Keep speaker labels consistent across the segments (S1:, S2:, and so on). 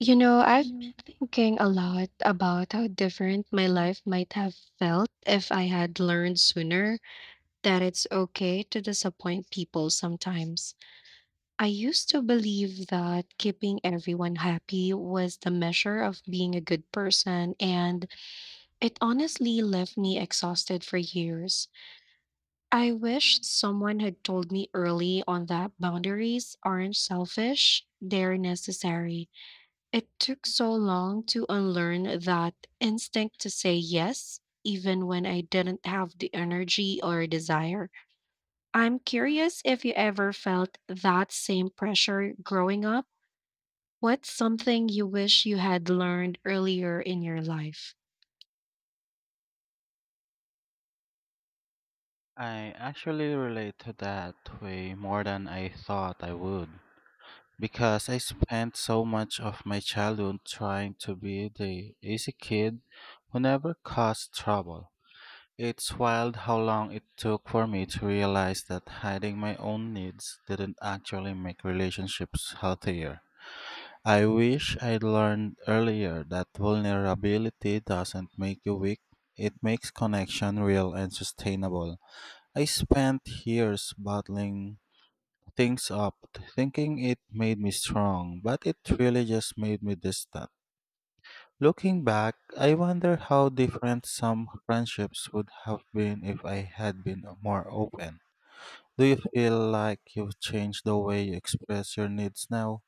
S1: You know, I've been thinking a lot about how different my life might have felt if I had learned sooner that it's okay to disappoint people sometimes. I used to believe that keeping everyone happy was the measure of being a good person, and it honestly left me exhausted for years. I wish someone had told me early on that boundaries aren't selfish, they're necessary. It took so long to unlearn that instinct to say yes, even when I didn't have the energy or desire. I'm curious if you ever felt that same pressure growing up. What's something you wish you had learned earlier in your life?
S2: I actually relate to that way more than I thought I would because I spent so much of my childhood trying to be the easy kid who never caused trouble. It's wild how long it took for me to realize that hiding my own needs didn't actually make relationships healthier. I wish I'd learned earlier that vulnerability doesn't make you weak, it makes connection real and sustainable. I spent years bottling things up, thinking it made me strong, but it really just made me distant. Looking back, I wonder how different some friendships would have been if I had been more open. Do you feel like you've changed the way you express your needs now?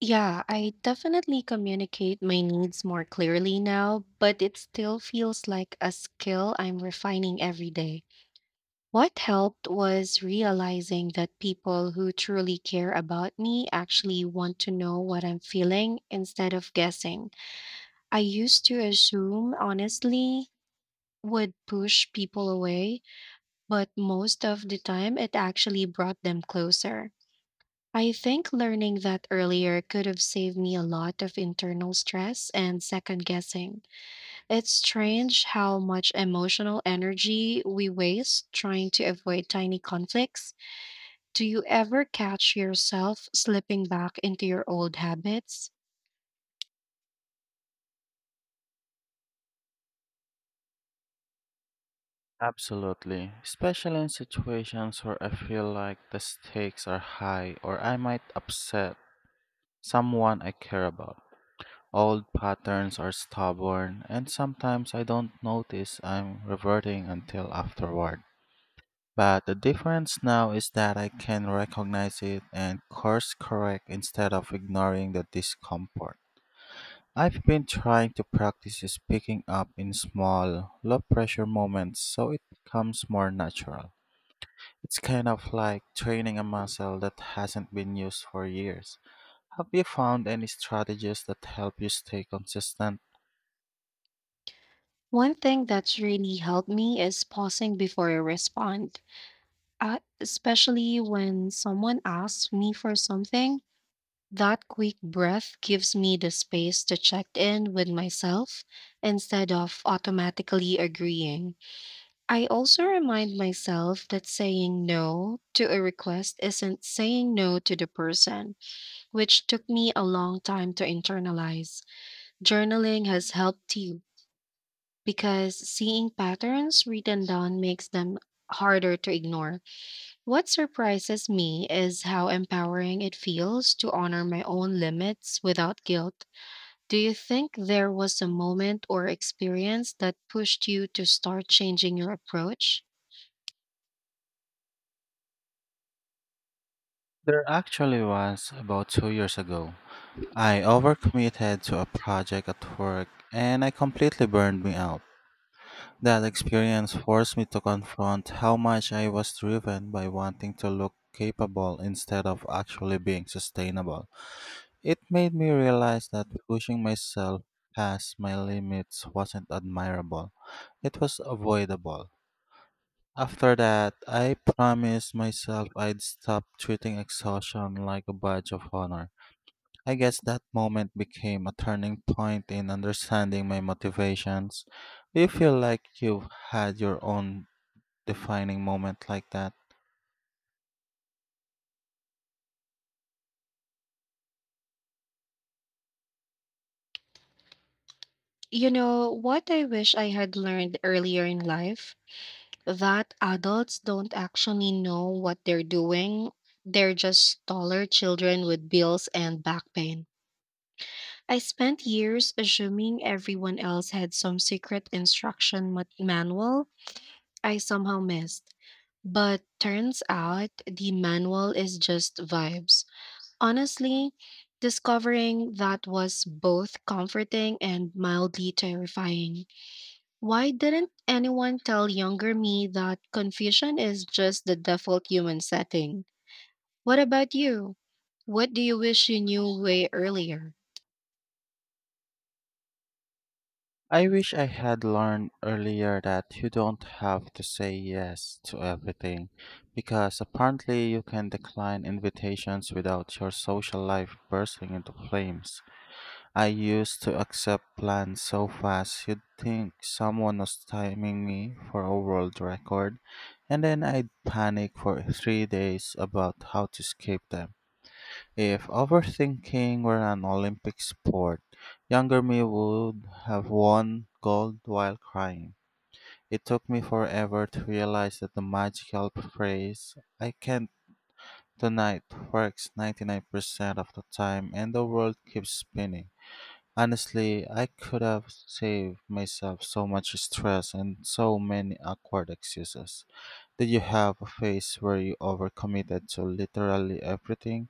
S1: Yeah, I definitely communicate my needs more clearly now, but it still feels like a skill I'm refining every day. What helped was realizing that people who truly care about me actually want to know what I'm feeling instead of guessing. I used to assume, honestly, would push people away, but most of the time it actually brought them closer. I think learning that earlier could have saved me a lot of internal stress and second guessing. It's strange how much emotional energy we waste trying to avoid tiny conflicts. Do you ever catch yourself slipping back into your old habits?
S2: Absolutely, especially in situations where I feel like the stakes are high or I might upset someone I care about. Old patterns are stubborn, and sometimes I don't notice I'm reverting until afterward. But the difference now is that I can recognize it and course correct instead of ignoring the discomfort. I've been trying to practice speaking up in small, low pressure moments so it becomes more natural. It's kind of like training a muscle that hasn't been used for years. Have you found any strategies that help you stay consistent?
S1: One thing that's really helped me is pausing before I respond, especially when someone asks me for something. That quick breath gives me the space to check in with myself instead of automatically agreeing. I also remind myself that saying no to a request isn't saying no to the person, which took me a long time to internalize. Journaling has helped you because seeing patterns written down makes them harder to ignore. What surprises me is how empowering it feels to honor my own limits without guilt. Do you think there was a moment or experience that pushed you to start changing your approach?
S2: There actually was about 2 years ago. I overcommitted to a project at work and I completely burned me out. That experience forced me to confront how much I was driven by wanting to look capable instead of actually being sustainable. It made me realize that pushing myself past my limits wasn't admirable, it was avoidable. After that, I promised myself I'd stop treating exhaustion like a badge of honor. I guess that moment became a turning point in understanding my motivations. Do you feel like you've had your own defining moment like that?
S1: You know, what I wish I had learned earlier in life that adults don't actually know what they're doing. They're just taller children with bills and back pain. I spent years assuming everyone else had some secret instruction manual I somehow missed. But turns out the manual is just vibes. Honestly, discovering that was both comforting and mildly terrifying. Why didn't anyone tell younger me that confusion is just the default human setting? What about you? What do you wish you knew way earlier?
S2: I wish I had learned earlier that you don't have to say yes to everything, because apparently you can decline invitations without your social life bursting into flames. I used to accept plans so fast you'd think someone was timing me for a world record, and then I'd panic for 3 days about how to escape them. If overthinking were an Olympic sport, younger me would have won gold while crying. It took me forever to realize that the magical phrase, I can't tonight, works 99% of the time and the world keeps spinning. Honestly, I could have saved myself so much stress and so many awkward excuses. Did you have a phase where you overcommitted to literally everything?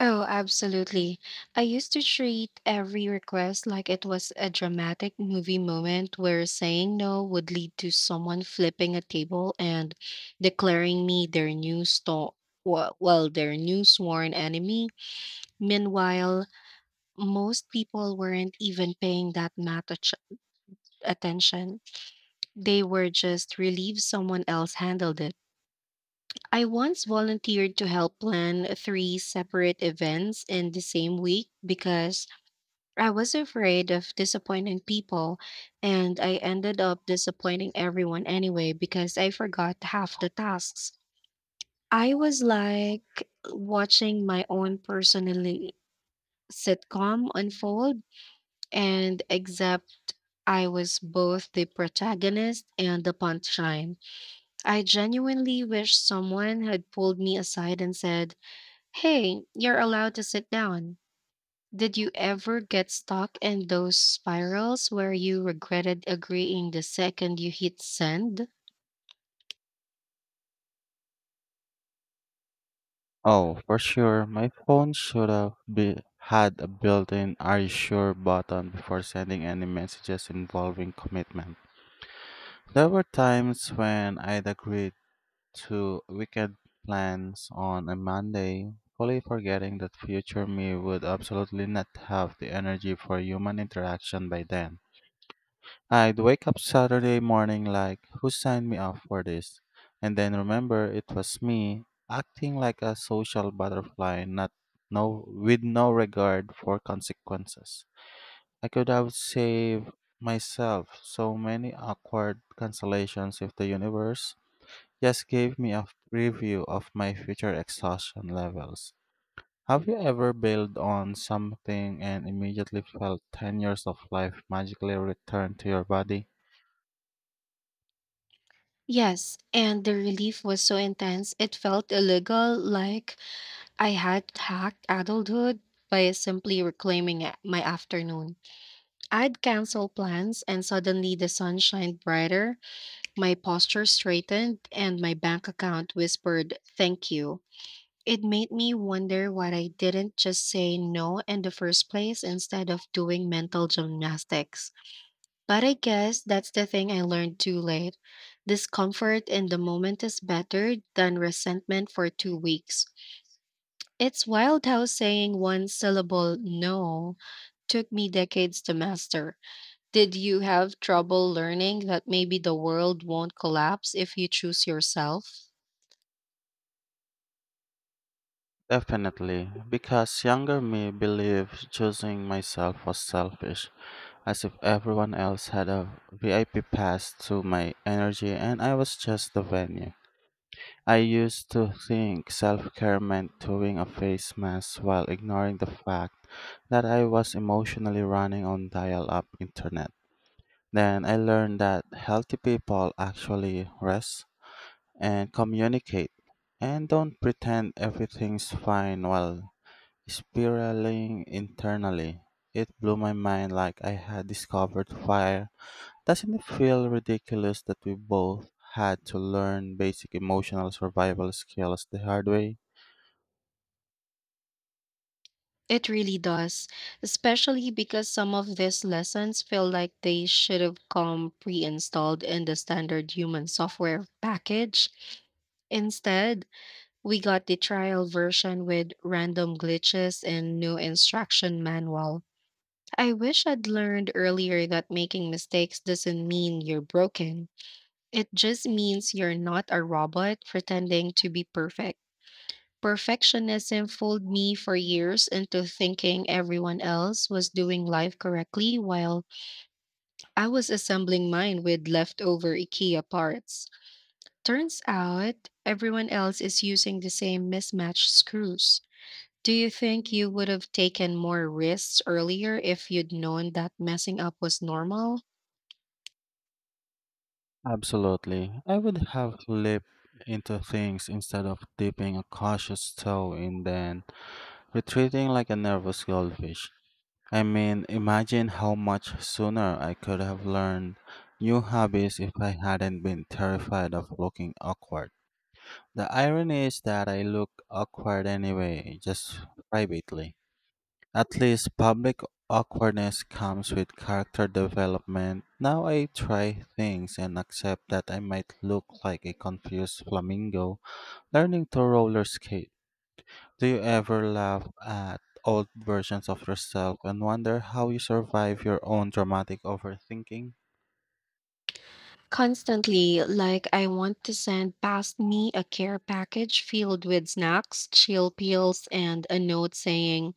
S1: Oh, absolutely. I used to treat every request like it was a dramatic movie moment where saying no would lead to someone flipping a table and declaring me their new well, their new sworn enemy. Meanwhile, most people weren't even paying that much attention. They were just relieved someone else handled it. I once volunteered to help plan three separate events in the same week because I was afraid of disappointing people, and I ended up disappointing everyone anyway because I forgot half the tasks. I was like watching my own personally sitcom unfold, and except I was both the protagonist and the punchline. I genuinely wish someone had pulled me aside and said, "Hey, you're allowed to sit down." Did you ever get stuck in those spirals where you regretted agreeing the second you hit send?
S2: Oh, for sure. My phone had a built-in "Are you sure" button before sending any messages involving commitment. There were times when I'd agreed to wicked plans on a Monday, fully forgetting that future me would absolutely not have the energy for human interaction by then. I'd wake up Saturday morning like, who signed me up for this? And then remember it was me acting like a social butterfly, not no with no regard for consequences. I could have saved myself so many awkward cancellations if the universe just gave me a preview of my future exhaustion levels. Have you ever bailed on something and immediately felt 10 years of life magically return to your body?
S1: Yes, and the relief was so intense it felt illegal, like I had hacked adulthood by simply reclaiming my afternoon. I'd cancel plans, and suddenly the sun shined brighter. My posture straightened and my bank account whispered, "Thank you." It made me wonder why I didn't just say no in the first place instead of doing mental gymnastics. But I guess that's the thing I learned too late. Discomfort in the moment is better than resentment for 2 weeks. It's wild how saying one syllable no took me decades to master. Did you have trouble learning that maybe the world won't collapse if you choose yourself?
S2: Definitely, because younger me believed choosing myself was selfish, as if everyone else had a VIP pass to my energy and I was just the venue. I used to think self care meant doing a face mask while ignoring the fact that I was emotionally running on dial up internet. Then I learned that healthy people actually rest and communicate and don't pretend everything's fine while spiraling internally. It blew my mind like I had discovered fire. Doesn't it feel ridiculous that we both had to learn basic emotional survival skills the hard way?
S1: It really does, especially because some of these lessons feel like they should have come pre installed in the standard human software package. Instead, we got the trial version with random glitches and no instruction manual. I wish I'd learned earlier that making mistakes doesn't mean you're broken. It just means you're not a robot pretending to be perfect. Perfectionism fooled me for years into thinking everyone else was doing life correctly while I was assembling mine with leftover IKEA parts. Turns out everyone else is using the same mismatched screws. Do you think you would have taken more risks earlier if you'd known that messing up was normal?
S2: Absolutely. I would have leaped into things instead of dipping a cautious toe in, then retreating like a nervous goldfish. I mean, imagine how much sooner I could have learned new hobbies if I hadn't been terrified of looking awkward. The irony is that I look awkward anyway, just privately. At least public awkwardness comes with character development. Now I try things and accept that I might look like a confused flamingo learning to roller skate. Do you ever laugh at old versions of yourself and wonder how you survive your own dramatic overthinking?
S1: Constantly, like I want to send past me a care package filled with snacks, chill pills, and a note saying,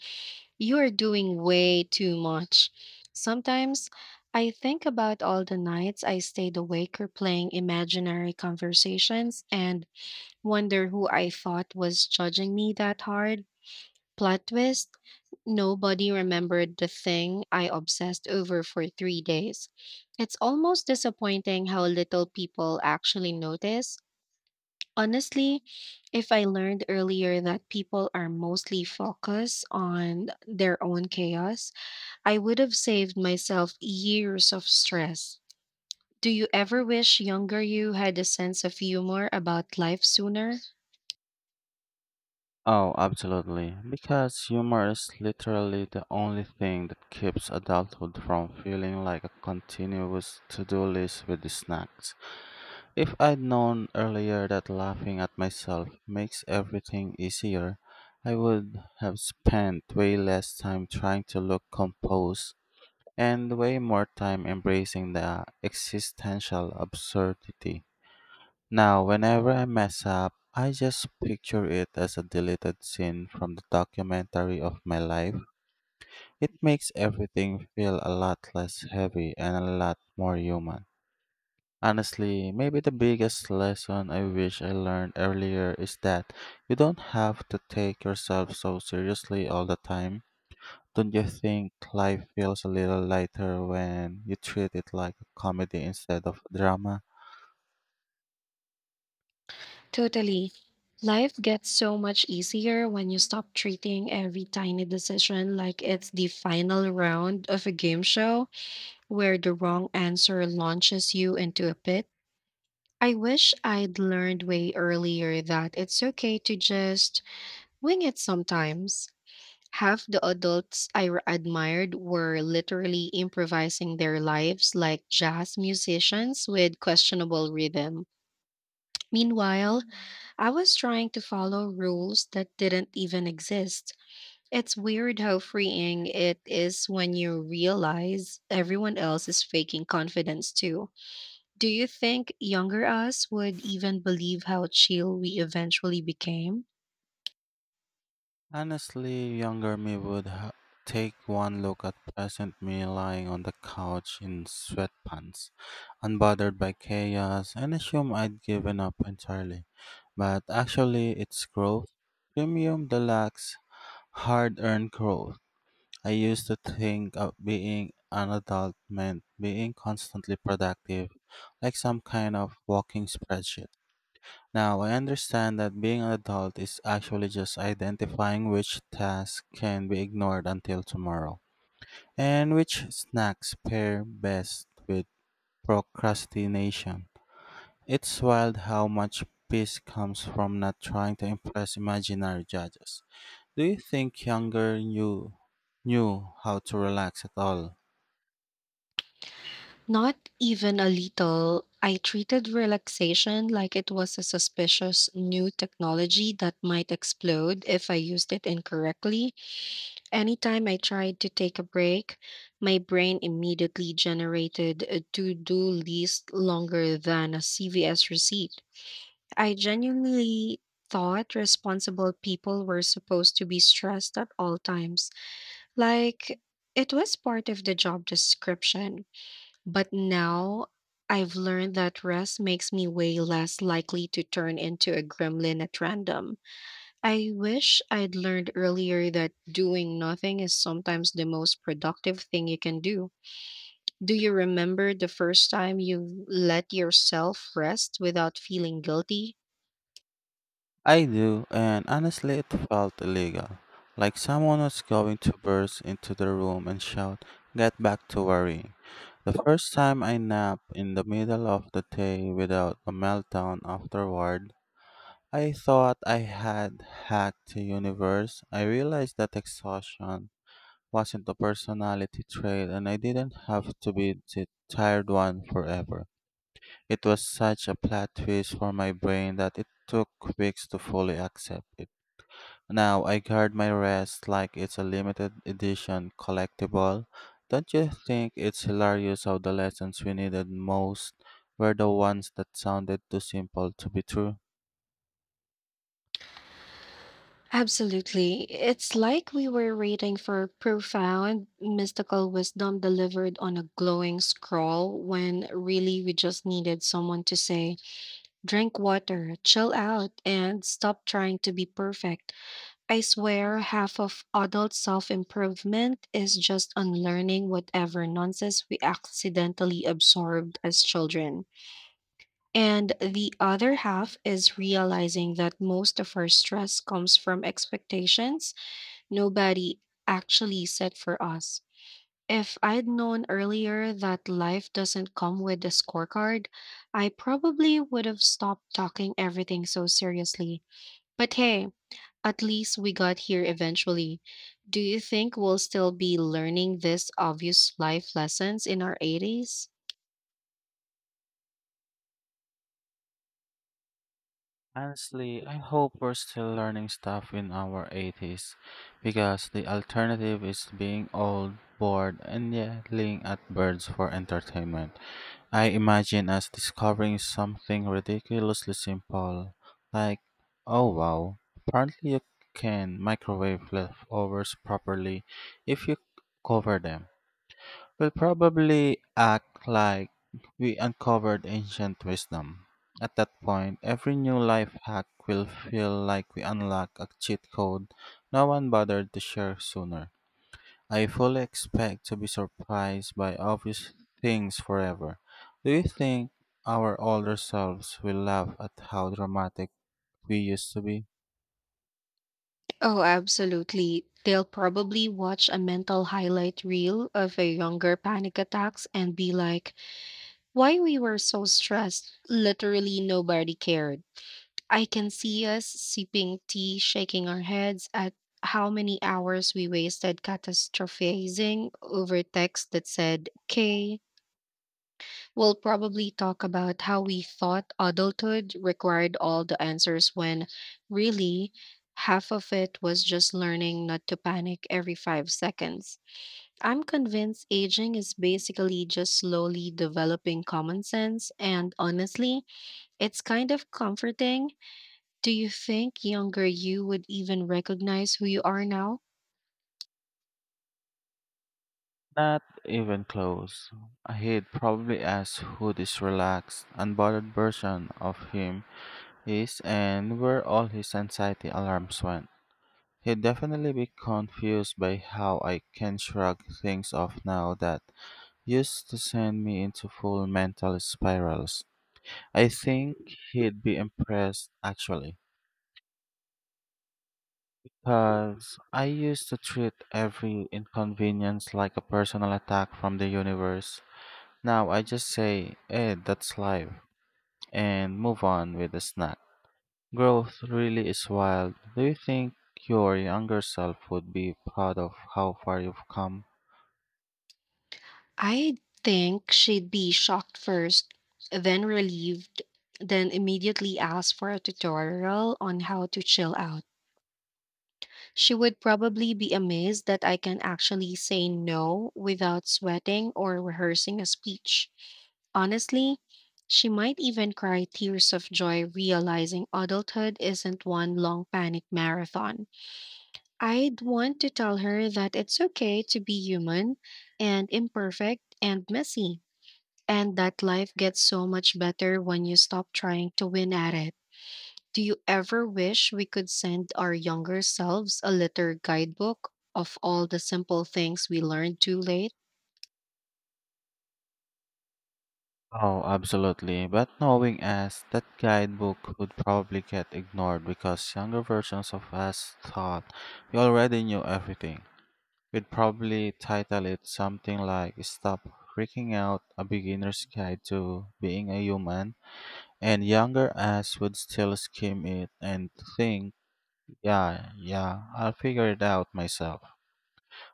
S1: "You are doing way too much." Sometimes I think about all the nights I stayed awake or playing imaginary conversations and wonder who I thought was judging me that hard. Plot twist, nobody remembered the thing I obsessed over for 3 days. It's almost disappointing how little people actually notice. Honestly, if I learned earlier that people are mostly focused on their own chaos, I would have saved myself years of stress. Do you ever wish younger you had a sense of humor about life sooner?
S2: Oh, absolutely. Because humor is literally the only thing that keeps adulthood from feeling like a continuous to do list with the snacks. If I'd known earlier that laughing at myself makes everything easier, I would have spent way less time trying to look composed and way more time embracing the existential absurdity. Now, whenever I mess up, I just picture it as a deleted scene from the documentary of my life. It makes everything feel a lot less heavy and a lot more human. Honestly, maybe the biggest lesson I wish I learned earlier is that you don't have to take yourself so seriously all the time. Don't you think life feels a little lighter when you treat it like a comedy instead of drama?
S1: Totally. Life gets so much easier when you stop treating every tiny decision like it's the final round of a game show where the wrong answer launches you into a pit. I wish I'd learned way earlier that it's okay to just wing it sometimes. Half the adults I admired were literally improvising their lives like jazz musicians with questionable rhythm. Meanwhile, I was trying to follow rules that didn't even exist. It's weird how freeing it is when you realize everyone else is faking confidence too. Do you think younger us would even believe how chill we eventually became?
S2: Honestly, younger me would take one look at present me lying on the couch in sweatpants, unbothered by chaos, and assume I'd given up entirely. But actually, it's growth. Premium Deluxe Hard earned growth. I used to think of being an adult meant being constantly productive, like some kind of walking spreadsheet. Now I understand that being an adult is actually just identifying which tasks can be ignored until tomorrow, and which snacks pair best with procrastination. It's wild how much peace comes from not trying to impress imaginary judges. Do you think younger you knew how to relax at all?
S1: Not even a little. I treated relaxation like it was a suspicious new technology that might explode if I used it incorrectly. Anytime I tried to take a break, my brain immediately generated a to do list longer than a CVS receipt. I genuinely thought responsible people were supposed to be stressed at all times. Like, it was part of the job description. But now I've learned that rest makes me way less likely to turn into a gremlin at random. I wish I'd learned earlier that doing nothing is sometimes the most productive thing you can do. Do you remember the first time you let yourself rest without feeling guilty?
S2: I do, and honestly, it felt illegal. Like someone was going to burst into the room and shout, "Get back to worrying." The first time I napped in the middle of the day without a meltdown afterward, I thought I had hacked the universe. I realized that exhaustion wasn't a personality trait and I didn't have to be the tired one forever. It was such a plot twist for my brain that it took weeks to fully accept it. Now I guard my rest like it's a limited edition collectible. Don't you think it's hilarious how the lessons we needed most were the ones that sounded too simple to be true?
S1: Absolutely. It's like we were waiting for profound mystical wisdom delivered on a glowing scroll when really we just needed someone to say, "Drink water, chill out, and stop trying to be perfect." I swear half of adult self improvement is just unlearning whatever nonsense we accidentally absorbed as children. And the other half is realizing that most of our stress comes from expectations nobody actually set for us. If I'd known earlier that life doesn't come with a scorecard, I probably would have stopped talking everything so seriously. But hey, at least we got here eventually. Do you think we'll still be learning these obvious life lessons in our 80s?
S2: Honestly, I hope we're still learning stuff in our 80s because the alternative is being old, bored, and yelling at birds for entertainment. I imagine us discovering something ridiculously simple, like, oh wow, apparently you can microwave leftovers properly if you cover them. We'll probably act like we uncovered ancient wisdom. At that point, every new life hack will feel like we unlock a cheat code no one bothered to share sooner. I fully expect to be surprised by obvious things forever. Do you think our older selves will laugh at how dramatic we used to be?
S1: Oh, absolutely. They'll probably watch a mental highlight reel of a younger panic attacks and be like, "Why we were so stressed. Literally nobody cared." I can see us sipping tea, shaking our heads at how many hours we wasted catastrophizing over text that said, "Okay." We'll probably talk about how we thought adulthood required all the answers when really half of it was just learning not to panic every 5 seconds. I'm convinced aging is basically just slowly developing common sense, and honestly, it's kind of comforting. Do you think younger you would even recognize who you are now?
S2: Not even close. He'd probably ask who this relaxed, unbothered version of him is and where all his anxiety alarms went. He'd definitely be confused by how I can shrug things off now that used to send me into full mental spirals. I think he'd be impressed, actually, because I used to treat every inconvenience like a personal attack from the universe. Now I just say, eh, that's life, and move on with the snack. Growth really is wild. Do you think your younger self would be proud of how far you've come?
S1: I think she'd be shocked first, then relieved, then immediately ask for a tutorial on how to chill out. She would probably be amazed that I can actually say no without sweating or rehearsing a speech. Honestly, she might even cry tears of joy realizing adulthood isn't one long panic marathon. I'd want to tell her that it's okay to be human and imperfect and messy. And that life gets so much better when you stop trying to win at it. Do you ever wish we could send our younger selves a little guidebook of all the simple things we learned too late?
S2: Oh, absolutely. But knowing us, that guidebook would probably get ignored because younger versions of us thought we already knew everything. We'd probably title it something like "Stop Freaking Out, A Beginner's Guide to Being a Human," and younger us would still skim it and think, yeah, yeah, I'll figure it out myself,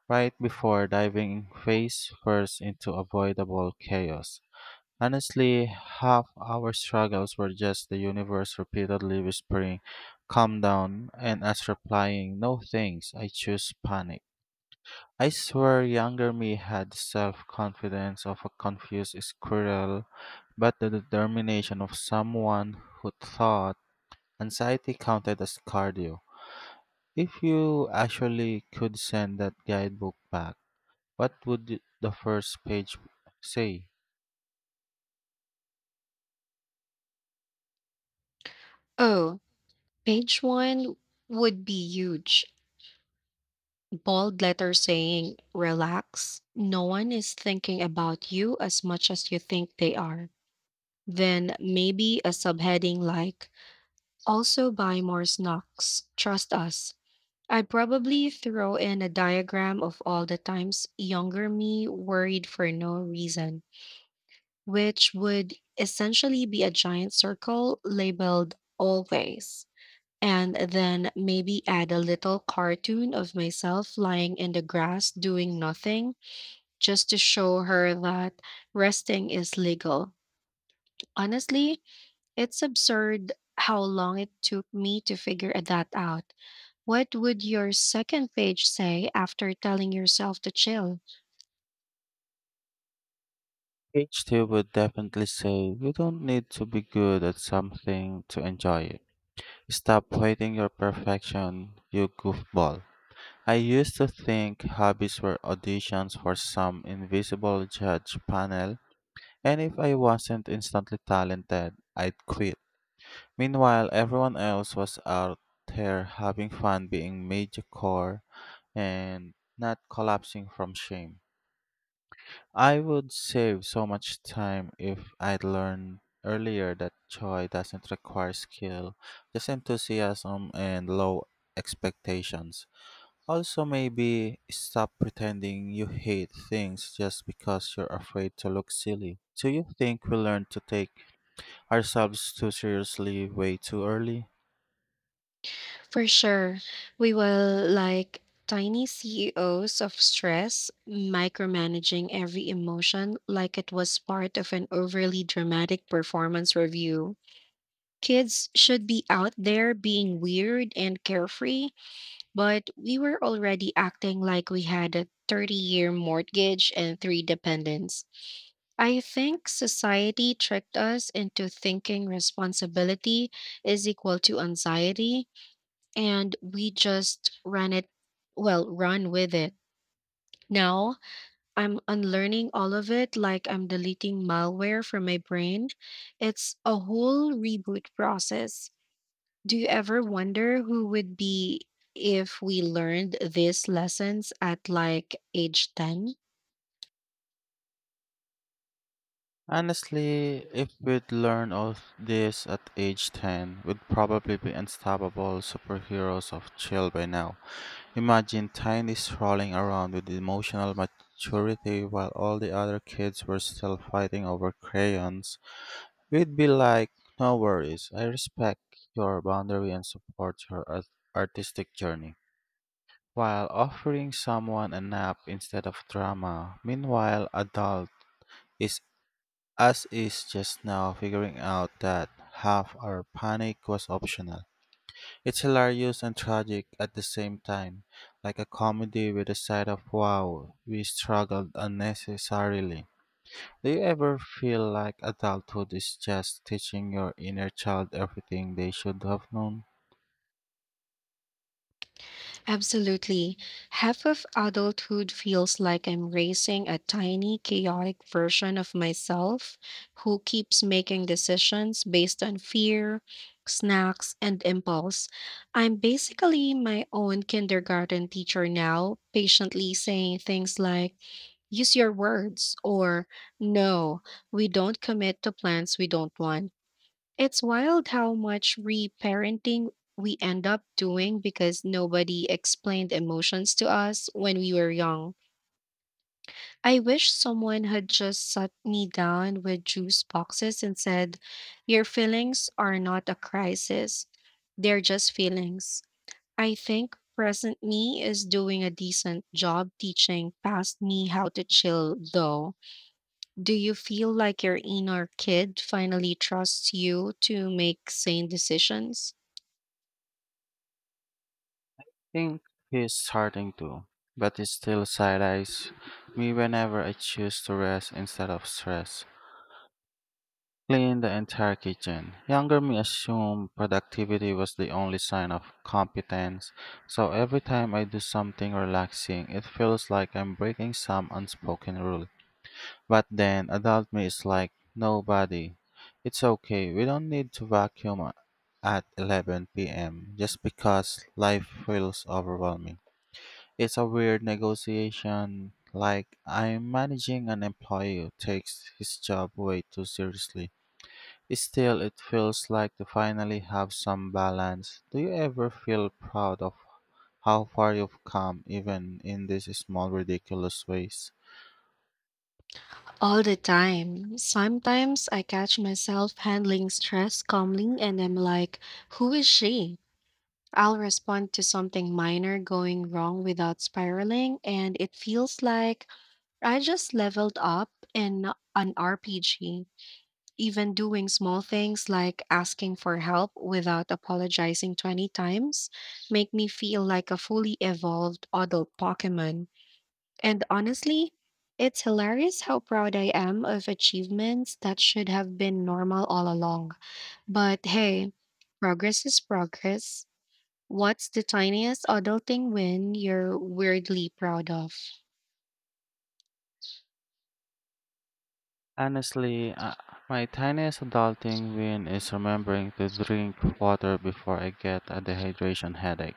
S2: right before diving face first into avoidable chaos. Honestly, half our struggles were just the universe repeatedly whispering, calm down, and us replying, no thanks, I choose panic. I swear younger me had the self-confidence of a confused squirrel, but the determination of someone who thought anxiety counted as cardio. If you actually could send that guidebook back, what would the first page say?
S1: Oh, page one would be huge. Bold letter saying, "Relax. No one is thinking about you as much as you think they are." Then maybe a subheading like, "Also buy more snacks. Trust us." I'd probably throw in a diagram of all the times younger me worried for no reason, which would essentially be a giant circle labeled always. And then maybe add a little cartoon of myself lying in the grass doing nothing just to show her that resting is legal. Honestly, it's absurd how long it took me to figure that out. What would your second page say after telling yourself to chill?
S2: Page 2 would definitely say, you don't need to be good at something to enjoy it. Stop waiting your perfection, you goofball. I used to think hobbies were auditions for some invisible judge panel, and if I wasn't instantly talented, I'd quit. Meanwhile, everyone else was out there having fun being mediocre and not collapsing from shame. I would save so much time if I'd learned earlier that joy doesn't require skill, just enthusiasm and low expectations. Also, maybe stop pretending you hate things just because you're afraid to look silly. Do you think we learn to take ourselves too seriously way too early?
S1: For sure, we will like tiny CEOs of stress, micromanaging every emotion like it was part of an overly dramatic performance review. Kids should be out there being weird and carefree, but we were already acting like we had a 30-year mortgage and three dependents. I think society tricked us into thinking responsibility is equal to anxiety, and we just run with it. Now I'm unlearning all of it like I'm deleting malware from my brain. It's a whole reboot process. Do you ever wonder who would be if we learned these lessons at like age 10?
S2: Honestly, if we'd learn all this at age 10, we'd probably be unstoppable superheroes of chill by now. Imagine Tiny strolling around with emotional maturity while all the other kids were still fighting over crayons. We'd be like, no worries, I respect your boundary and support your artistic journey, while offering someone a nap instead of drama. Meanwhile, adult is us is just now figuring out that half our panic was optional. It's hilarious and tragic at the same time, like a comedy with a side of wow, we struggled unnecessarily. Do you ever feel like adulthood is just teaching your inner child everything they should have known?
S1: Absolutely. Half of adulthood feels like I'm racing a tiny, chaotic version of myself who keeps making decisions based on fear, snacks, and impulse. I'm basically my own kindergarten teacher now, patiently saying things like, use your words, or no, we don't commit to plans we don't want. It's wild how much reparenting we end up doing because nobody explained emotions to us when we were young. I wish someone had just sat me down with juice boxes and said, your feelings are not a crisis, they're just feelings. I think present me is doing a decent job teaching past me how to chill, though. Do you feel like your inner kid finally trusts you to make sane decisions?
S2: I think he's starting to, but it still side eyes me whenever I choose to rest instead of stress. Clean the entire kitchen. Younger me assumed productivity was the only sign of competence, so every time I do something relaxing, it feels like I'm breaking some unspoken rule. But then adult me is like, nobody. It's okay. We don't need to vacuum at 11 p.m. just because life feels overwhelming. It's a weird negotiation. Like, I'm managing an employee who takes his job way too seriously. Still, it feels like to finally have some balance. Do you ever feel proud of how far you've come, even in these small, ridiculous ways?
S1: All the time. Sometimes I catch myself handling stress calmly and I'm like, who is she? I'll respond to something minor going wrong without spiraling, and it feels like I just leveled up in an RPG. Even doing small things like asking for help without apologizing 20 times make me feel like a fully evolved adult Pokemon. And honestly, it's hilarious how proud I am of achievements that should have been normal all along. But hey, progress is progress. What's the tiniest adulting win you're weirdly proud of?
S2: Honestly, my tiniest adulting win is remembering to drink water before I get a dehydration headache.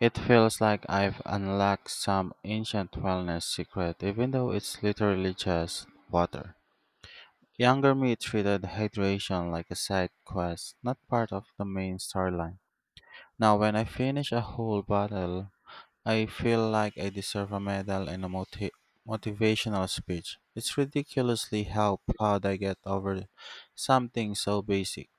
S2: It feels like I've unlocked some ancient wellness secret, even though it's literally just water. Younger me treated hydration like a side quest, not part of the main storyline. Now, when I finish a whole bottle, I feel like I deserve a medal and a motivational speech. It's ridiculously how proud I get over something so basic.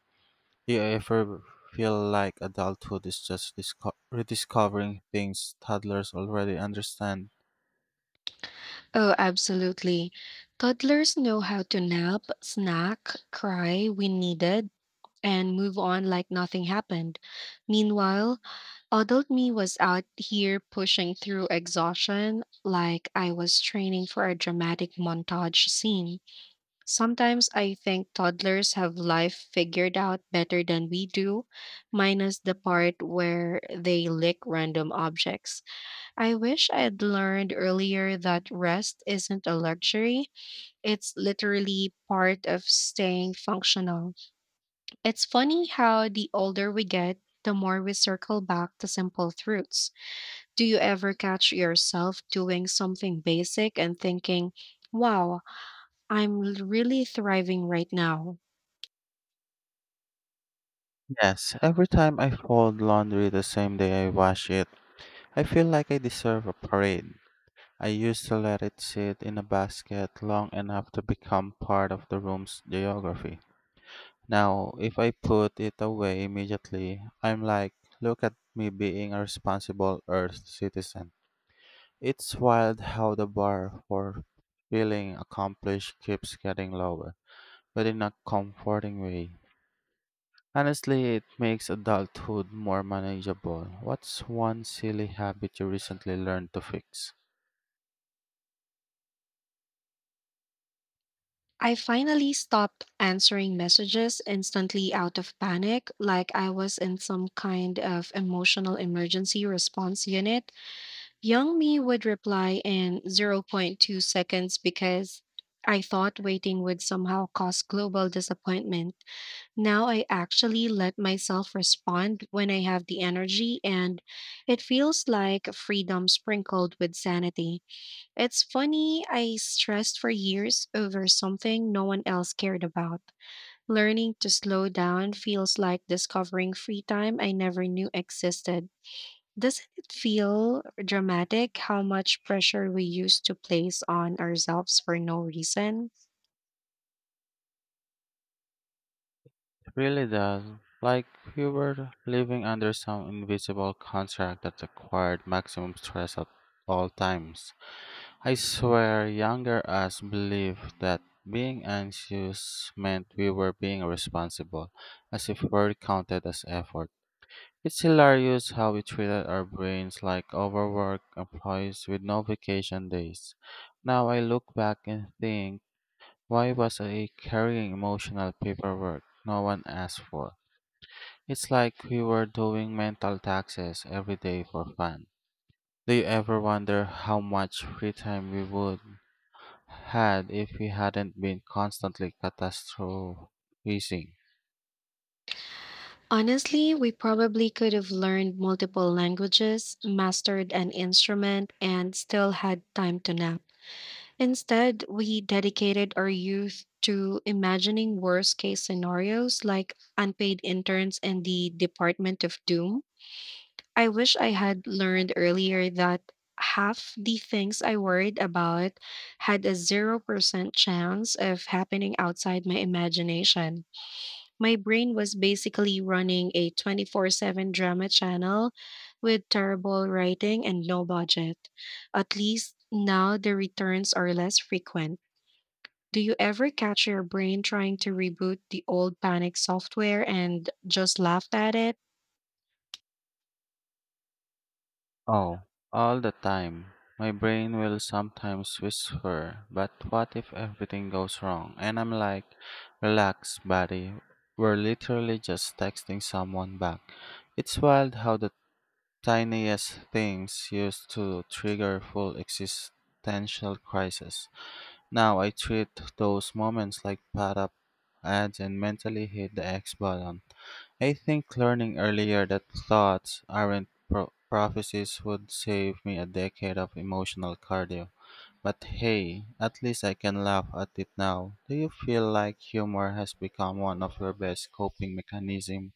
S2: Do you ever feel like adulthood is just rediscovering things toddlers already understand?
S1: Oh, absolutely. Toddlers know how to nap, snack, cry when needed, and move on like nothing happened. Meanwhile, adult me was out here pushing through exhaustion like I was training for a dramatic montage scene. Sometimes I think toddlers have life figured out better than we do, minus the part where they lick random objects. I wish I had learned earlier that rest isn't a luxury, it's literally part of staying functional. It's funny how the older we get, the more we circle back to simple truths. Do you ever catch yourself doing something basic and thinking, wow, I'm really thriving right now?
S2: Yes, every time I fold laundry the same day I wash it, I feel like I deserve a parade. I used to let it sit in a basket long enough to become part of the room's geography. Now, if I put it away immediately, I'm like, look at me being a responsible Earth citizen. It's wild how the bar for feeling accomplished keeps getting lower, but in a comforting way. Honestly, it makes adulthood more manageable. What's one silly habit you recently learned to fix?
S1: I finally stopped answering messages instantly out of panic, like I was in some kind of emotional emergency response unit. Young me would reply in zero point 0.2 seconds because I thought waiting would somehow cause global disappointment. Now I actually let myself respond when I have the energy, and it feels like freedom sprinkled with sanity. It's funny, I stressed for years over something no one else cared about. Learning to slow down feels like discovering free time I never knew existed. Doesn't it feel dramatic how much pressure we used to place on ourselves for no reason?
S2: It really does. Like you were living under some invisible contract that required maximum stress at all times. I swear younger us believed that being anxious meant we were being responsible, as if work counted as effort. It's hilarious how we treated our brains like overworked employees with no vacation days. Now I look back and think, why was I carrying emotional paperwork no one asked for? It's like we were doing mental taxes every day for fun. Do you ever wonder how much free time we would had if we hadn't been constantly catastrophizing?
S1: Honestly, we probably could have learned multiple languages, mastered an instrument, and still had time to nap. Instead, we dedicated our youth to imagining worst case scenarios like unpaid interns in the Department of Doom. I wish I had learned earlier that half the things I worried about had a 0% chance of happening outside my imagination. My brain was basically running a 24/7 drama channel with terrible writing and no budget. At least now the returns are less frequent. Do you ever catch your brain trying to reboot the old panic software and just laughed at it?
S2: Oh, all the time. My brain will sometimes whisper, but what if everything goes wrong? And I'm like, relax, buddy. We're literally just texting someone back. It's wild how the tiniest things used to trigger full existential crisis. Now I treat those moments like pat up ads and mentally hit the X button. I think learning earlier that thoughts aren't prophecies would save me a decade of emotional cardio. But hey, at least I can laugh at it now. Do you feel like humor has become one of your best coping mechanisms?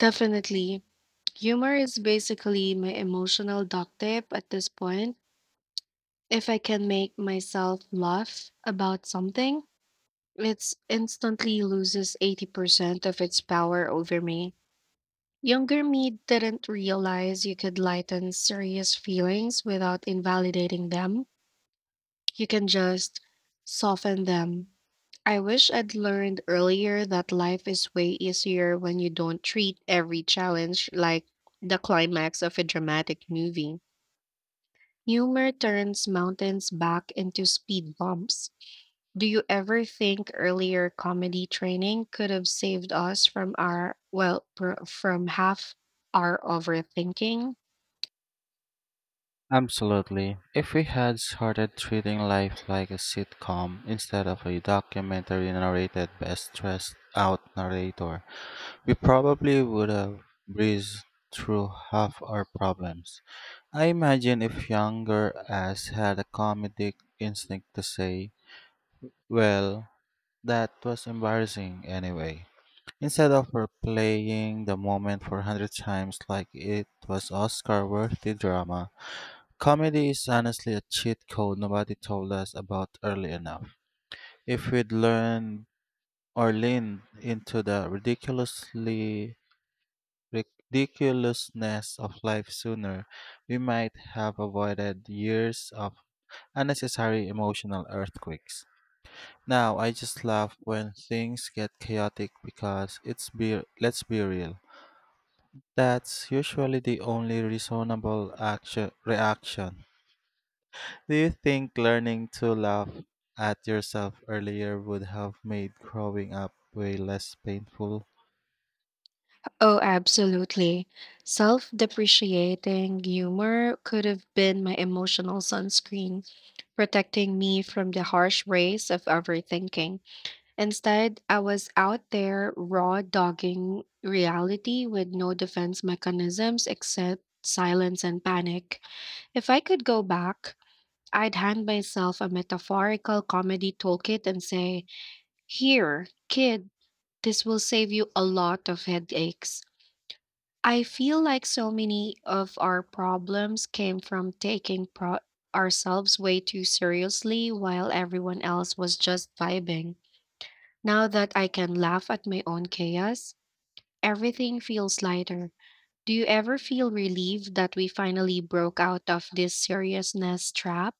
S1: Definitely. Humor is basically my emotional duct tape at this point. If I can make myself laugh about something, it's instantly loses 80% of its power over me. Younger me didn't realize you could lighten serious feelings without invalidating them. You can just soften them. I wish I'd learned earlier that life is way easier when you don't treat every challenge like the climax of a dramatic movie. Humor turns mountains back into speed bumps. Do you ever think earlier comedy training could have saved us from our, well, from half our overthinking?
S2: Absolutely. If we had started treating life like a sitcom instead of a documentary narrated by a stressed out narrator, we probably would have breezed through half our problems. I imagine if younger As had a comedic instinct to say, well, that was embarrassing anyway, instead of replaying the moment for a hundred times like it was Oscar worthy drama. Comedy is honestly a cheat code nobody told us about early enough. If we'd learned or leaned into the ridiculously ridiculousness of life sooner, we might have avoided years of unnecessary emotional earthquakes. Now, I just laugh when things get chaotic because it's be let's be real. That's usually the only reasonable action reaction. Do you think learning to laugh at yourself earlier would have made growing up way less painful?
S1: Oh, absolutely. Self depreciating humor could have been my emotional sunscreen, protecting me from the harsh rays of overthinking. Instead, I was out there raw dogging reality with no defense mechanisms except silence and panic. If I could go back, I'd hand myself a metaphorical comedy toolkit and say, here, kid, this will save you a lot of headaches. I feel like so many of our problems came from taking ourselves way too seriously while everyone else was just vibing. Now that I can laugh at my own chaos, everything feels lighter. Do you ever feel relieved that we finally broke out of this seriousness trap?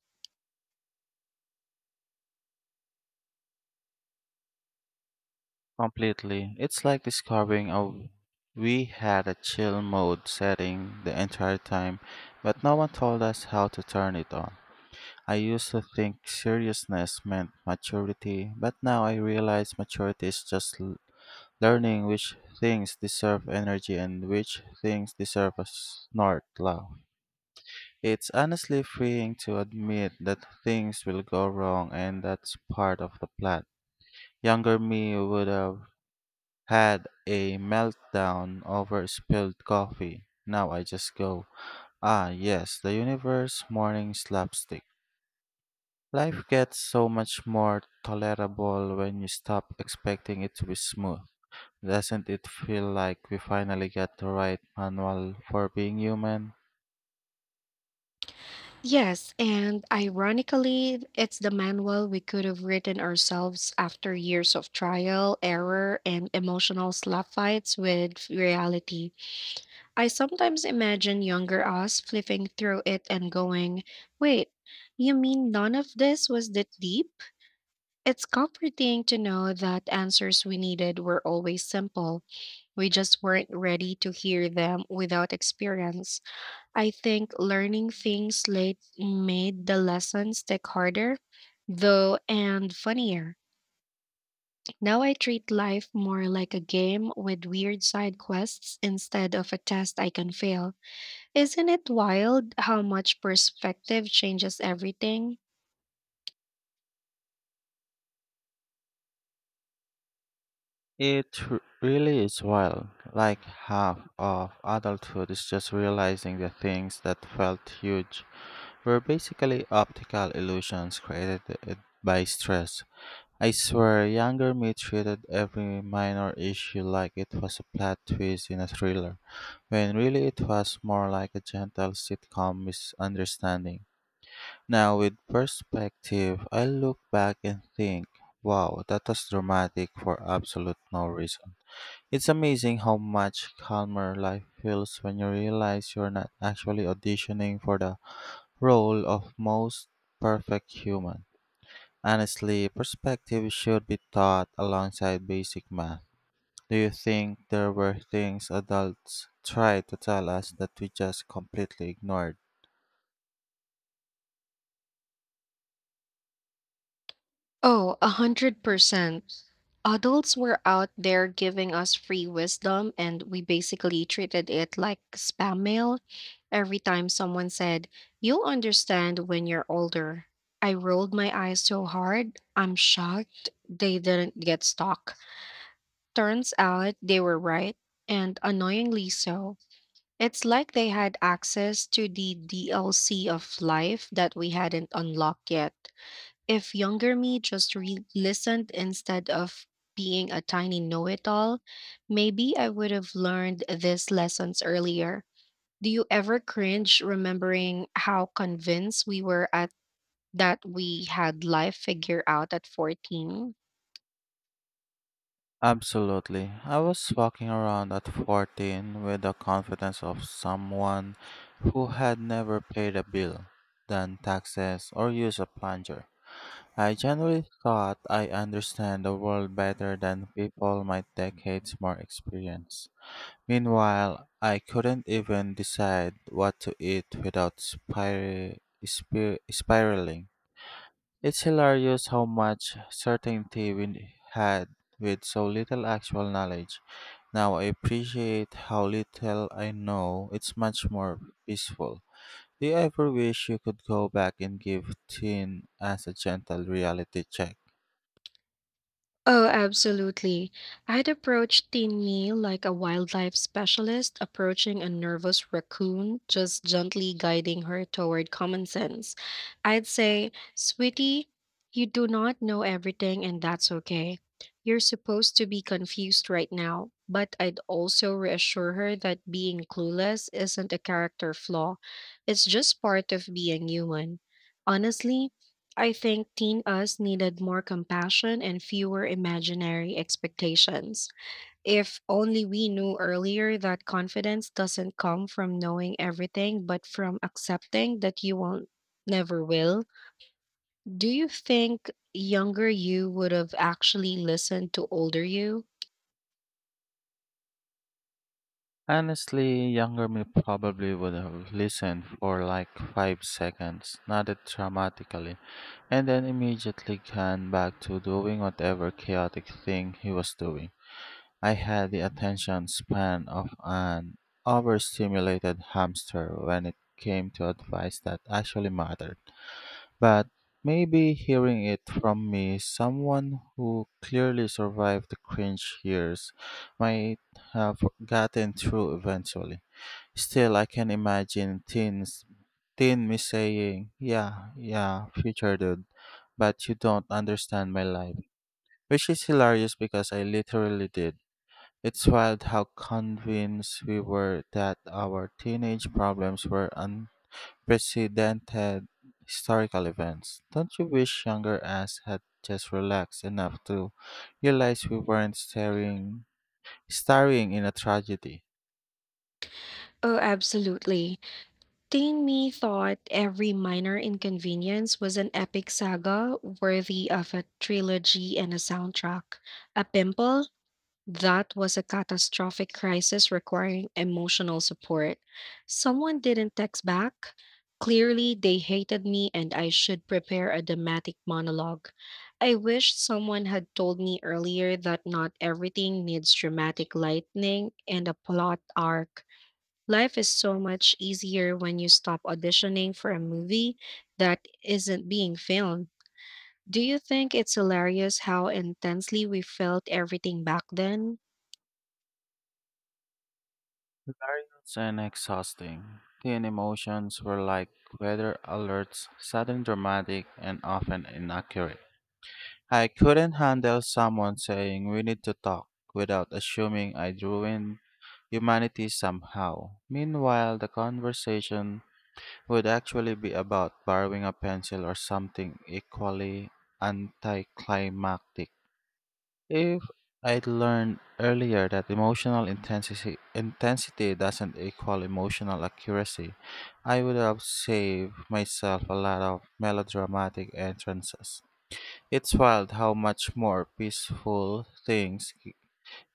S2: Completely. It's like discovering a we had a chill mode setting the entire time, but no one told us how to turn it on. I used to think seriousness meant maturity, but now I realize maturity is just learning which things deserve energy and which things deserve a snort laugh. It's honestly freeing to admit that things will go wrong and that's part of the plan. Younger me would have had a meltdown over spilled coffee. Now I just go, ah, yes, the universe morning slapstick. Life gets so much more tolerable when you stop expecting it to be smooth. Doesn't it feel like we finally got the right manual for being human?
S1: Yes, and ironically, it's the manual we could have written ourselves after years of trial, error, and emotional slap fights with reality. I sometimes imagine younger us flipping through it and going, wait, you mean none of this was that deep? It's comforting to know that answers we needed were always simple. We just weren't ready to hear them without experience. I think learning things late made the lessons stick harder, though, and funnier. Now I treat life more like a game with weird side quests instead of a test I can fail. Isn't it wild how much perspective changes everything?
S2: It really is wild. Like half of adulthood is just realizing the things that felt huge were basically optical illusions created eh, by stress. I swear, younger me treated every minor issue like it was a plot twist in a thriller, when really it was more like a gentle sitcom misunderstanding. Now, with perspective, I look back and think, wow, that was dramatic for absolute no reason. It's amazing how much calmer life feels when you realize you're not actually auditioning for the role of most perfect human. Honestly, perspective should be taught alongside basic math. Do you think there were things adults tried to tell us that we just completely ignored?
S1: Oh, 100%. Adults were out there giving us free wisdom, and we basically treated it like spam mail. Every time someone said, you'll understand when you're older, I rolled my eyes so hard, I'm shocked they didn't get stuck. Turns out they were right, and annoyingly so. It's like they had access to the DLC of life that we hadn't unlocked yet. If younger me just listened instead of being a tiny know it all, maybe I would have learned these lessons earlier. Do you ever cringe remembering how convinced we were at that we had life figured out at 14?
S2: Absolutely. I was walking around at 14 with the confidence of someone who had never paid a bill, done taxes, or used a plunger. I generally thought I understand the world better than people my decades more experience. Meanwhile, I couldn't even decide what to eat without spiraling. It's hilarious how much certainty we had with so little actual knowledge. Now I appreciate how little I know. It's much more peaceful. Do you ever wish you could go back and give Teen as a gentle reality check?
S1: Oh, absolutely. I'd approach Tinny like a wildlife specialist approaching a nervous raccoon, just gently guiding her toward common sense. I'd say, sweetie, you do not know everything, and that's okay. You're supposed to be confused right now, but I'd also reassure her that being clueless isn't a character flaw, it's just part of being human. Honestly, I think teen us needed more compassion and fewer imaginary expectations. If only we knew earlier that confidence doesn't come from knowing everything, but from accepting that you won't never will. Do you think younger you would have actually listened to older you?
S2: Honestly, younger me probably would have listened for like 5 seconds, nodded dramatically, and then immediately gone back to doing whatever chaotic thing he was doing. I had the attention span of an overstimulated hamster when it came to advice that actually mattered. But maybe hearing it from me, someone who clearly survived the cringe years, might have gotten through eventually. Still, I can imagine teen me saying, yeah, yeah, future dude, but you don't understand my life. Which is hilarious because I literally did. It's wild how convinced we were that our teenage problems were unprecedented historical events. Don't you wish younger us had just relaxed enough to realize we weren't staring in a tragedy?
S1: Oh, absolutely. Teen me thought every minor inconvenience was an epic saga worthy of a trilogy and a soundtrack. A pimple? That was a catastrophic crisis requiring emotional support. Someone didn't text back. Clearly, they hated me and I should prepare a dramatic monologue. I wish someone had told me earlier that not everything needs dramatic lightning and a plot arc. Life is so much easier when you stop auditioning for a movie that isn't being filmed. Do you think it's hilarious how intensely we felt everything back then?
S2: Hilarious and exhausting. Teen emotions were like weather alerts, sudden dramatic, and often inaccurate. I couldn't handle someone saying we need to talk without assuming I'd ruined humanity somehow. Meanwhile, the conversation would actually be about borrowing a pencil or something equally anticlimactic. If I'd learned earlier that intensity doesn't equal emotional accuracy, I would have saved myself a lot of melodramatic entrances. It's wild how much more peaceful things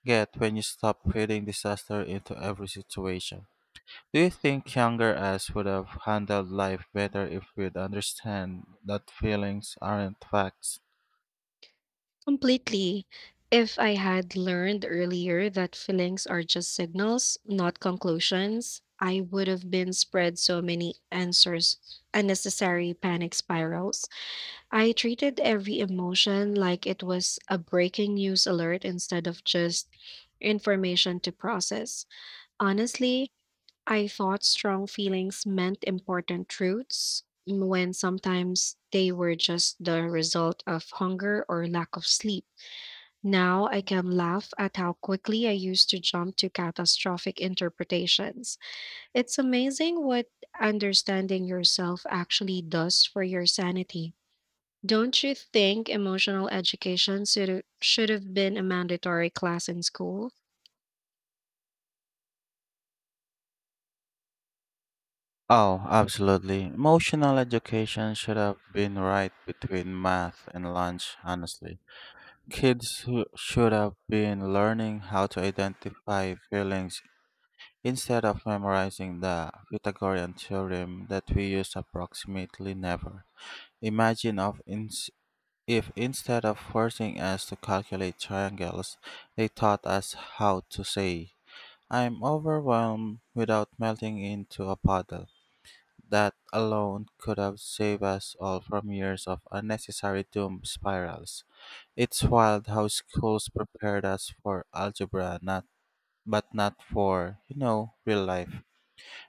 S2: get when you stop feeding disaster into every situation. Do you think younger us would have handled life better if we'd understand that feelings aren't facts?
S1: Completely. If I had learned earlier that feelings are just signals, not conclusions, I would have been spread so many answers, unnecessary panic spirals. I treated every emotion like it was a breaking news alert instead of just information to process. Honestly, I thought strong feelings meant important truths when sometimes they were just the result of hunger or lack of sleep. Now I can laugh at how quickly I used to jump to catastrophic interpretations. It's amazing what understanding yourself actually does for your sanity. Don't you think emotional education should have been a mandatory class in school?
S2: Oh, absolutely. Emotional education should have been right between math and lunch, honestly. Kids who should have been learning how to identify feelings instead of memorizing the Pythagorean theorem that we use approximately never. Imagine of ins- if instead of forcing us to calculate triangles, they taught us how to say, I'm overwhelmed without melting into a puddle. That alone could have saved us all from years of unnecessary doom spirals. It's wild how schools prepared us for algebra, not but not for, you know, real life.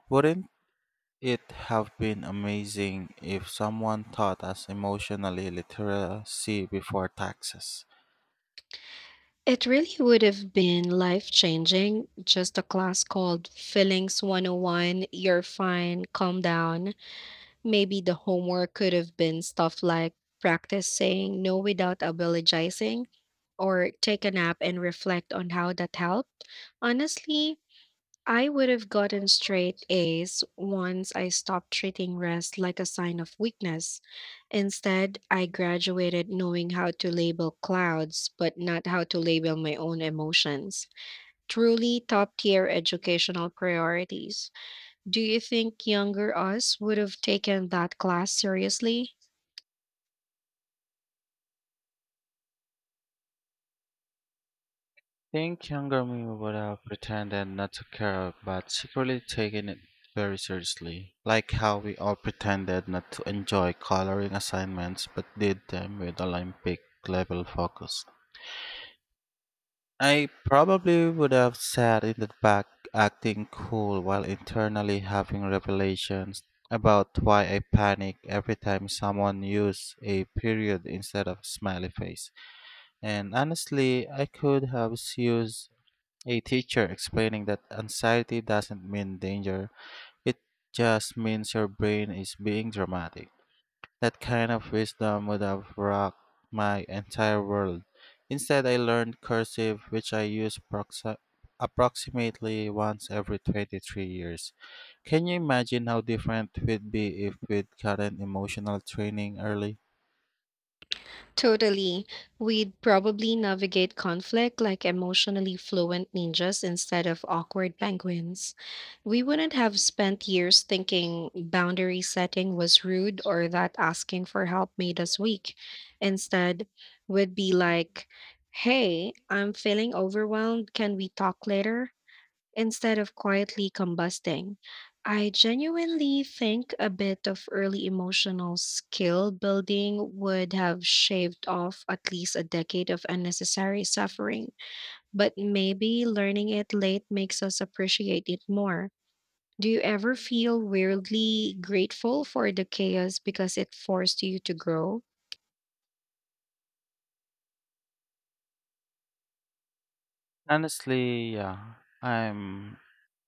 S2: Wouldn't it have been amazing if someone taught us emotionally literacy before taxes?
S1: It really would have been life changing. Just a class called Feelings 101, you're fine, calm down. Maybe the homework could have been stuff like practice saying no without apologizing or take a nap and reflect on how that helped. Honestly, I would have gotten straight A's once I stopped treating rest like a sign of weakness. Instead, I graduated knowing how to label clouds, but not how to label my own emotions. Truly top tier educational priorities. Do you think younger us would have taken that class seriously?
S2: Think younger me would have pretended not to care but secretly taken it very seriously. Like how we all pretended not to enjoy coloring assignments but did them with Olympic level focus. I probably would have sat in the back acting cool while internally having revelations about why I panic every time someone used a period instead of smiley face. And honestly, I could have used a teacher explaining that anxiety doesn't mean danger, it just means your brain is being dramatic. That kind of wisdom would have rocked my entire world. Instead, I learned cursive, which I use approximately once every 23 years. Can you imagine how different it would be if we'd gotten emotional training early?
S1: Totally. We'd probably navigate conflict like emotionally fluent ninjas instead of awkward penguins. We wouldn't have spent years thinking boundary setting was rude or that asking for help made us weak. Instead, we'd be like, hey, I'm feeling overwhelmed. Can we talk later? Instead of quietly combusting. I genuinely think a bit of early emotional skill building would have shaved off at least a decade of unnecessary suffering, but maybe learning it late makes us appreciate it more. Do you ever feel weirdly grateful for the chaos because it forced you to grow?
S2: Honestly, yeah, I'm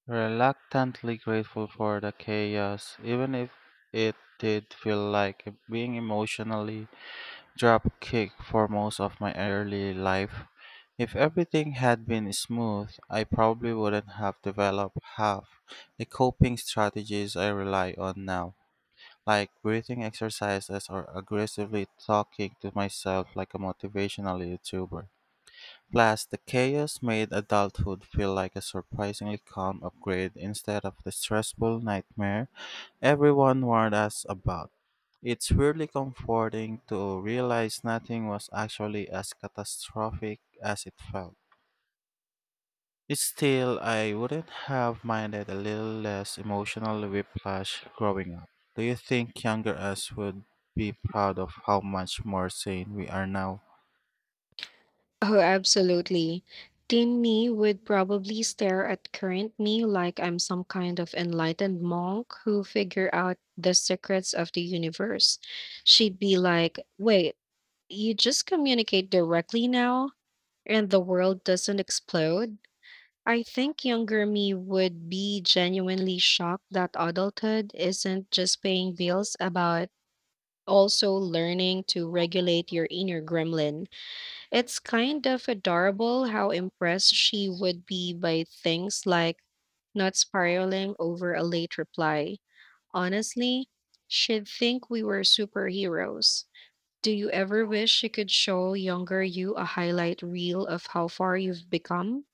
S2: reluctantly grateful for the chaos, even if it did feel like being emotionally drop kicked for most of my early life. If everything had been smooth, I probably wouldn't have developed half the coping strategies I rely on now, like breathing exercises or aggressively talking to myself like a motivational YouTuber. Plus, the chaos made adulthood feel like a surprisingly calm upgrade instead of the stressful nightmare everyone warned us about. It's weirdly comforting to realize nothing was actually as catastrophic as it felt. Still, I wouldn't have minded a little less emotional whiplash growing up. Do you think younger us would be proud of how much more sane we are now?
S1: Oh, absolutely. Teen me would probably stare at current me like I'm some kind of enlightened monk who figure out the secrets of the universe. She'd be like, "Wait, you just communicate directly now and the world doesn't explode?" I think younger me would be genuinely shocked that adulthood isn't just paying bills about also learning to regulate your inner gremlin. It's kind of adorable how impressed she would be by things like not spiraling over a late reply. Honestly, she'd think we were superheroes. Do you ever wish you could show younger you a highlight reel of how far you've become?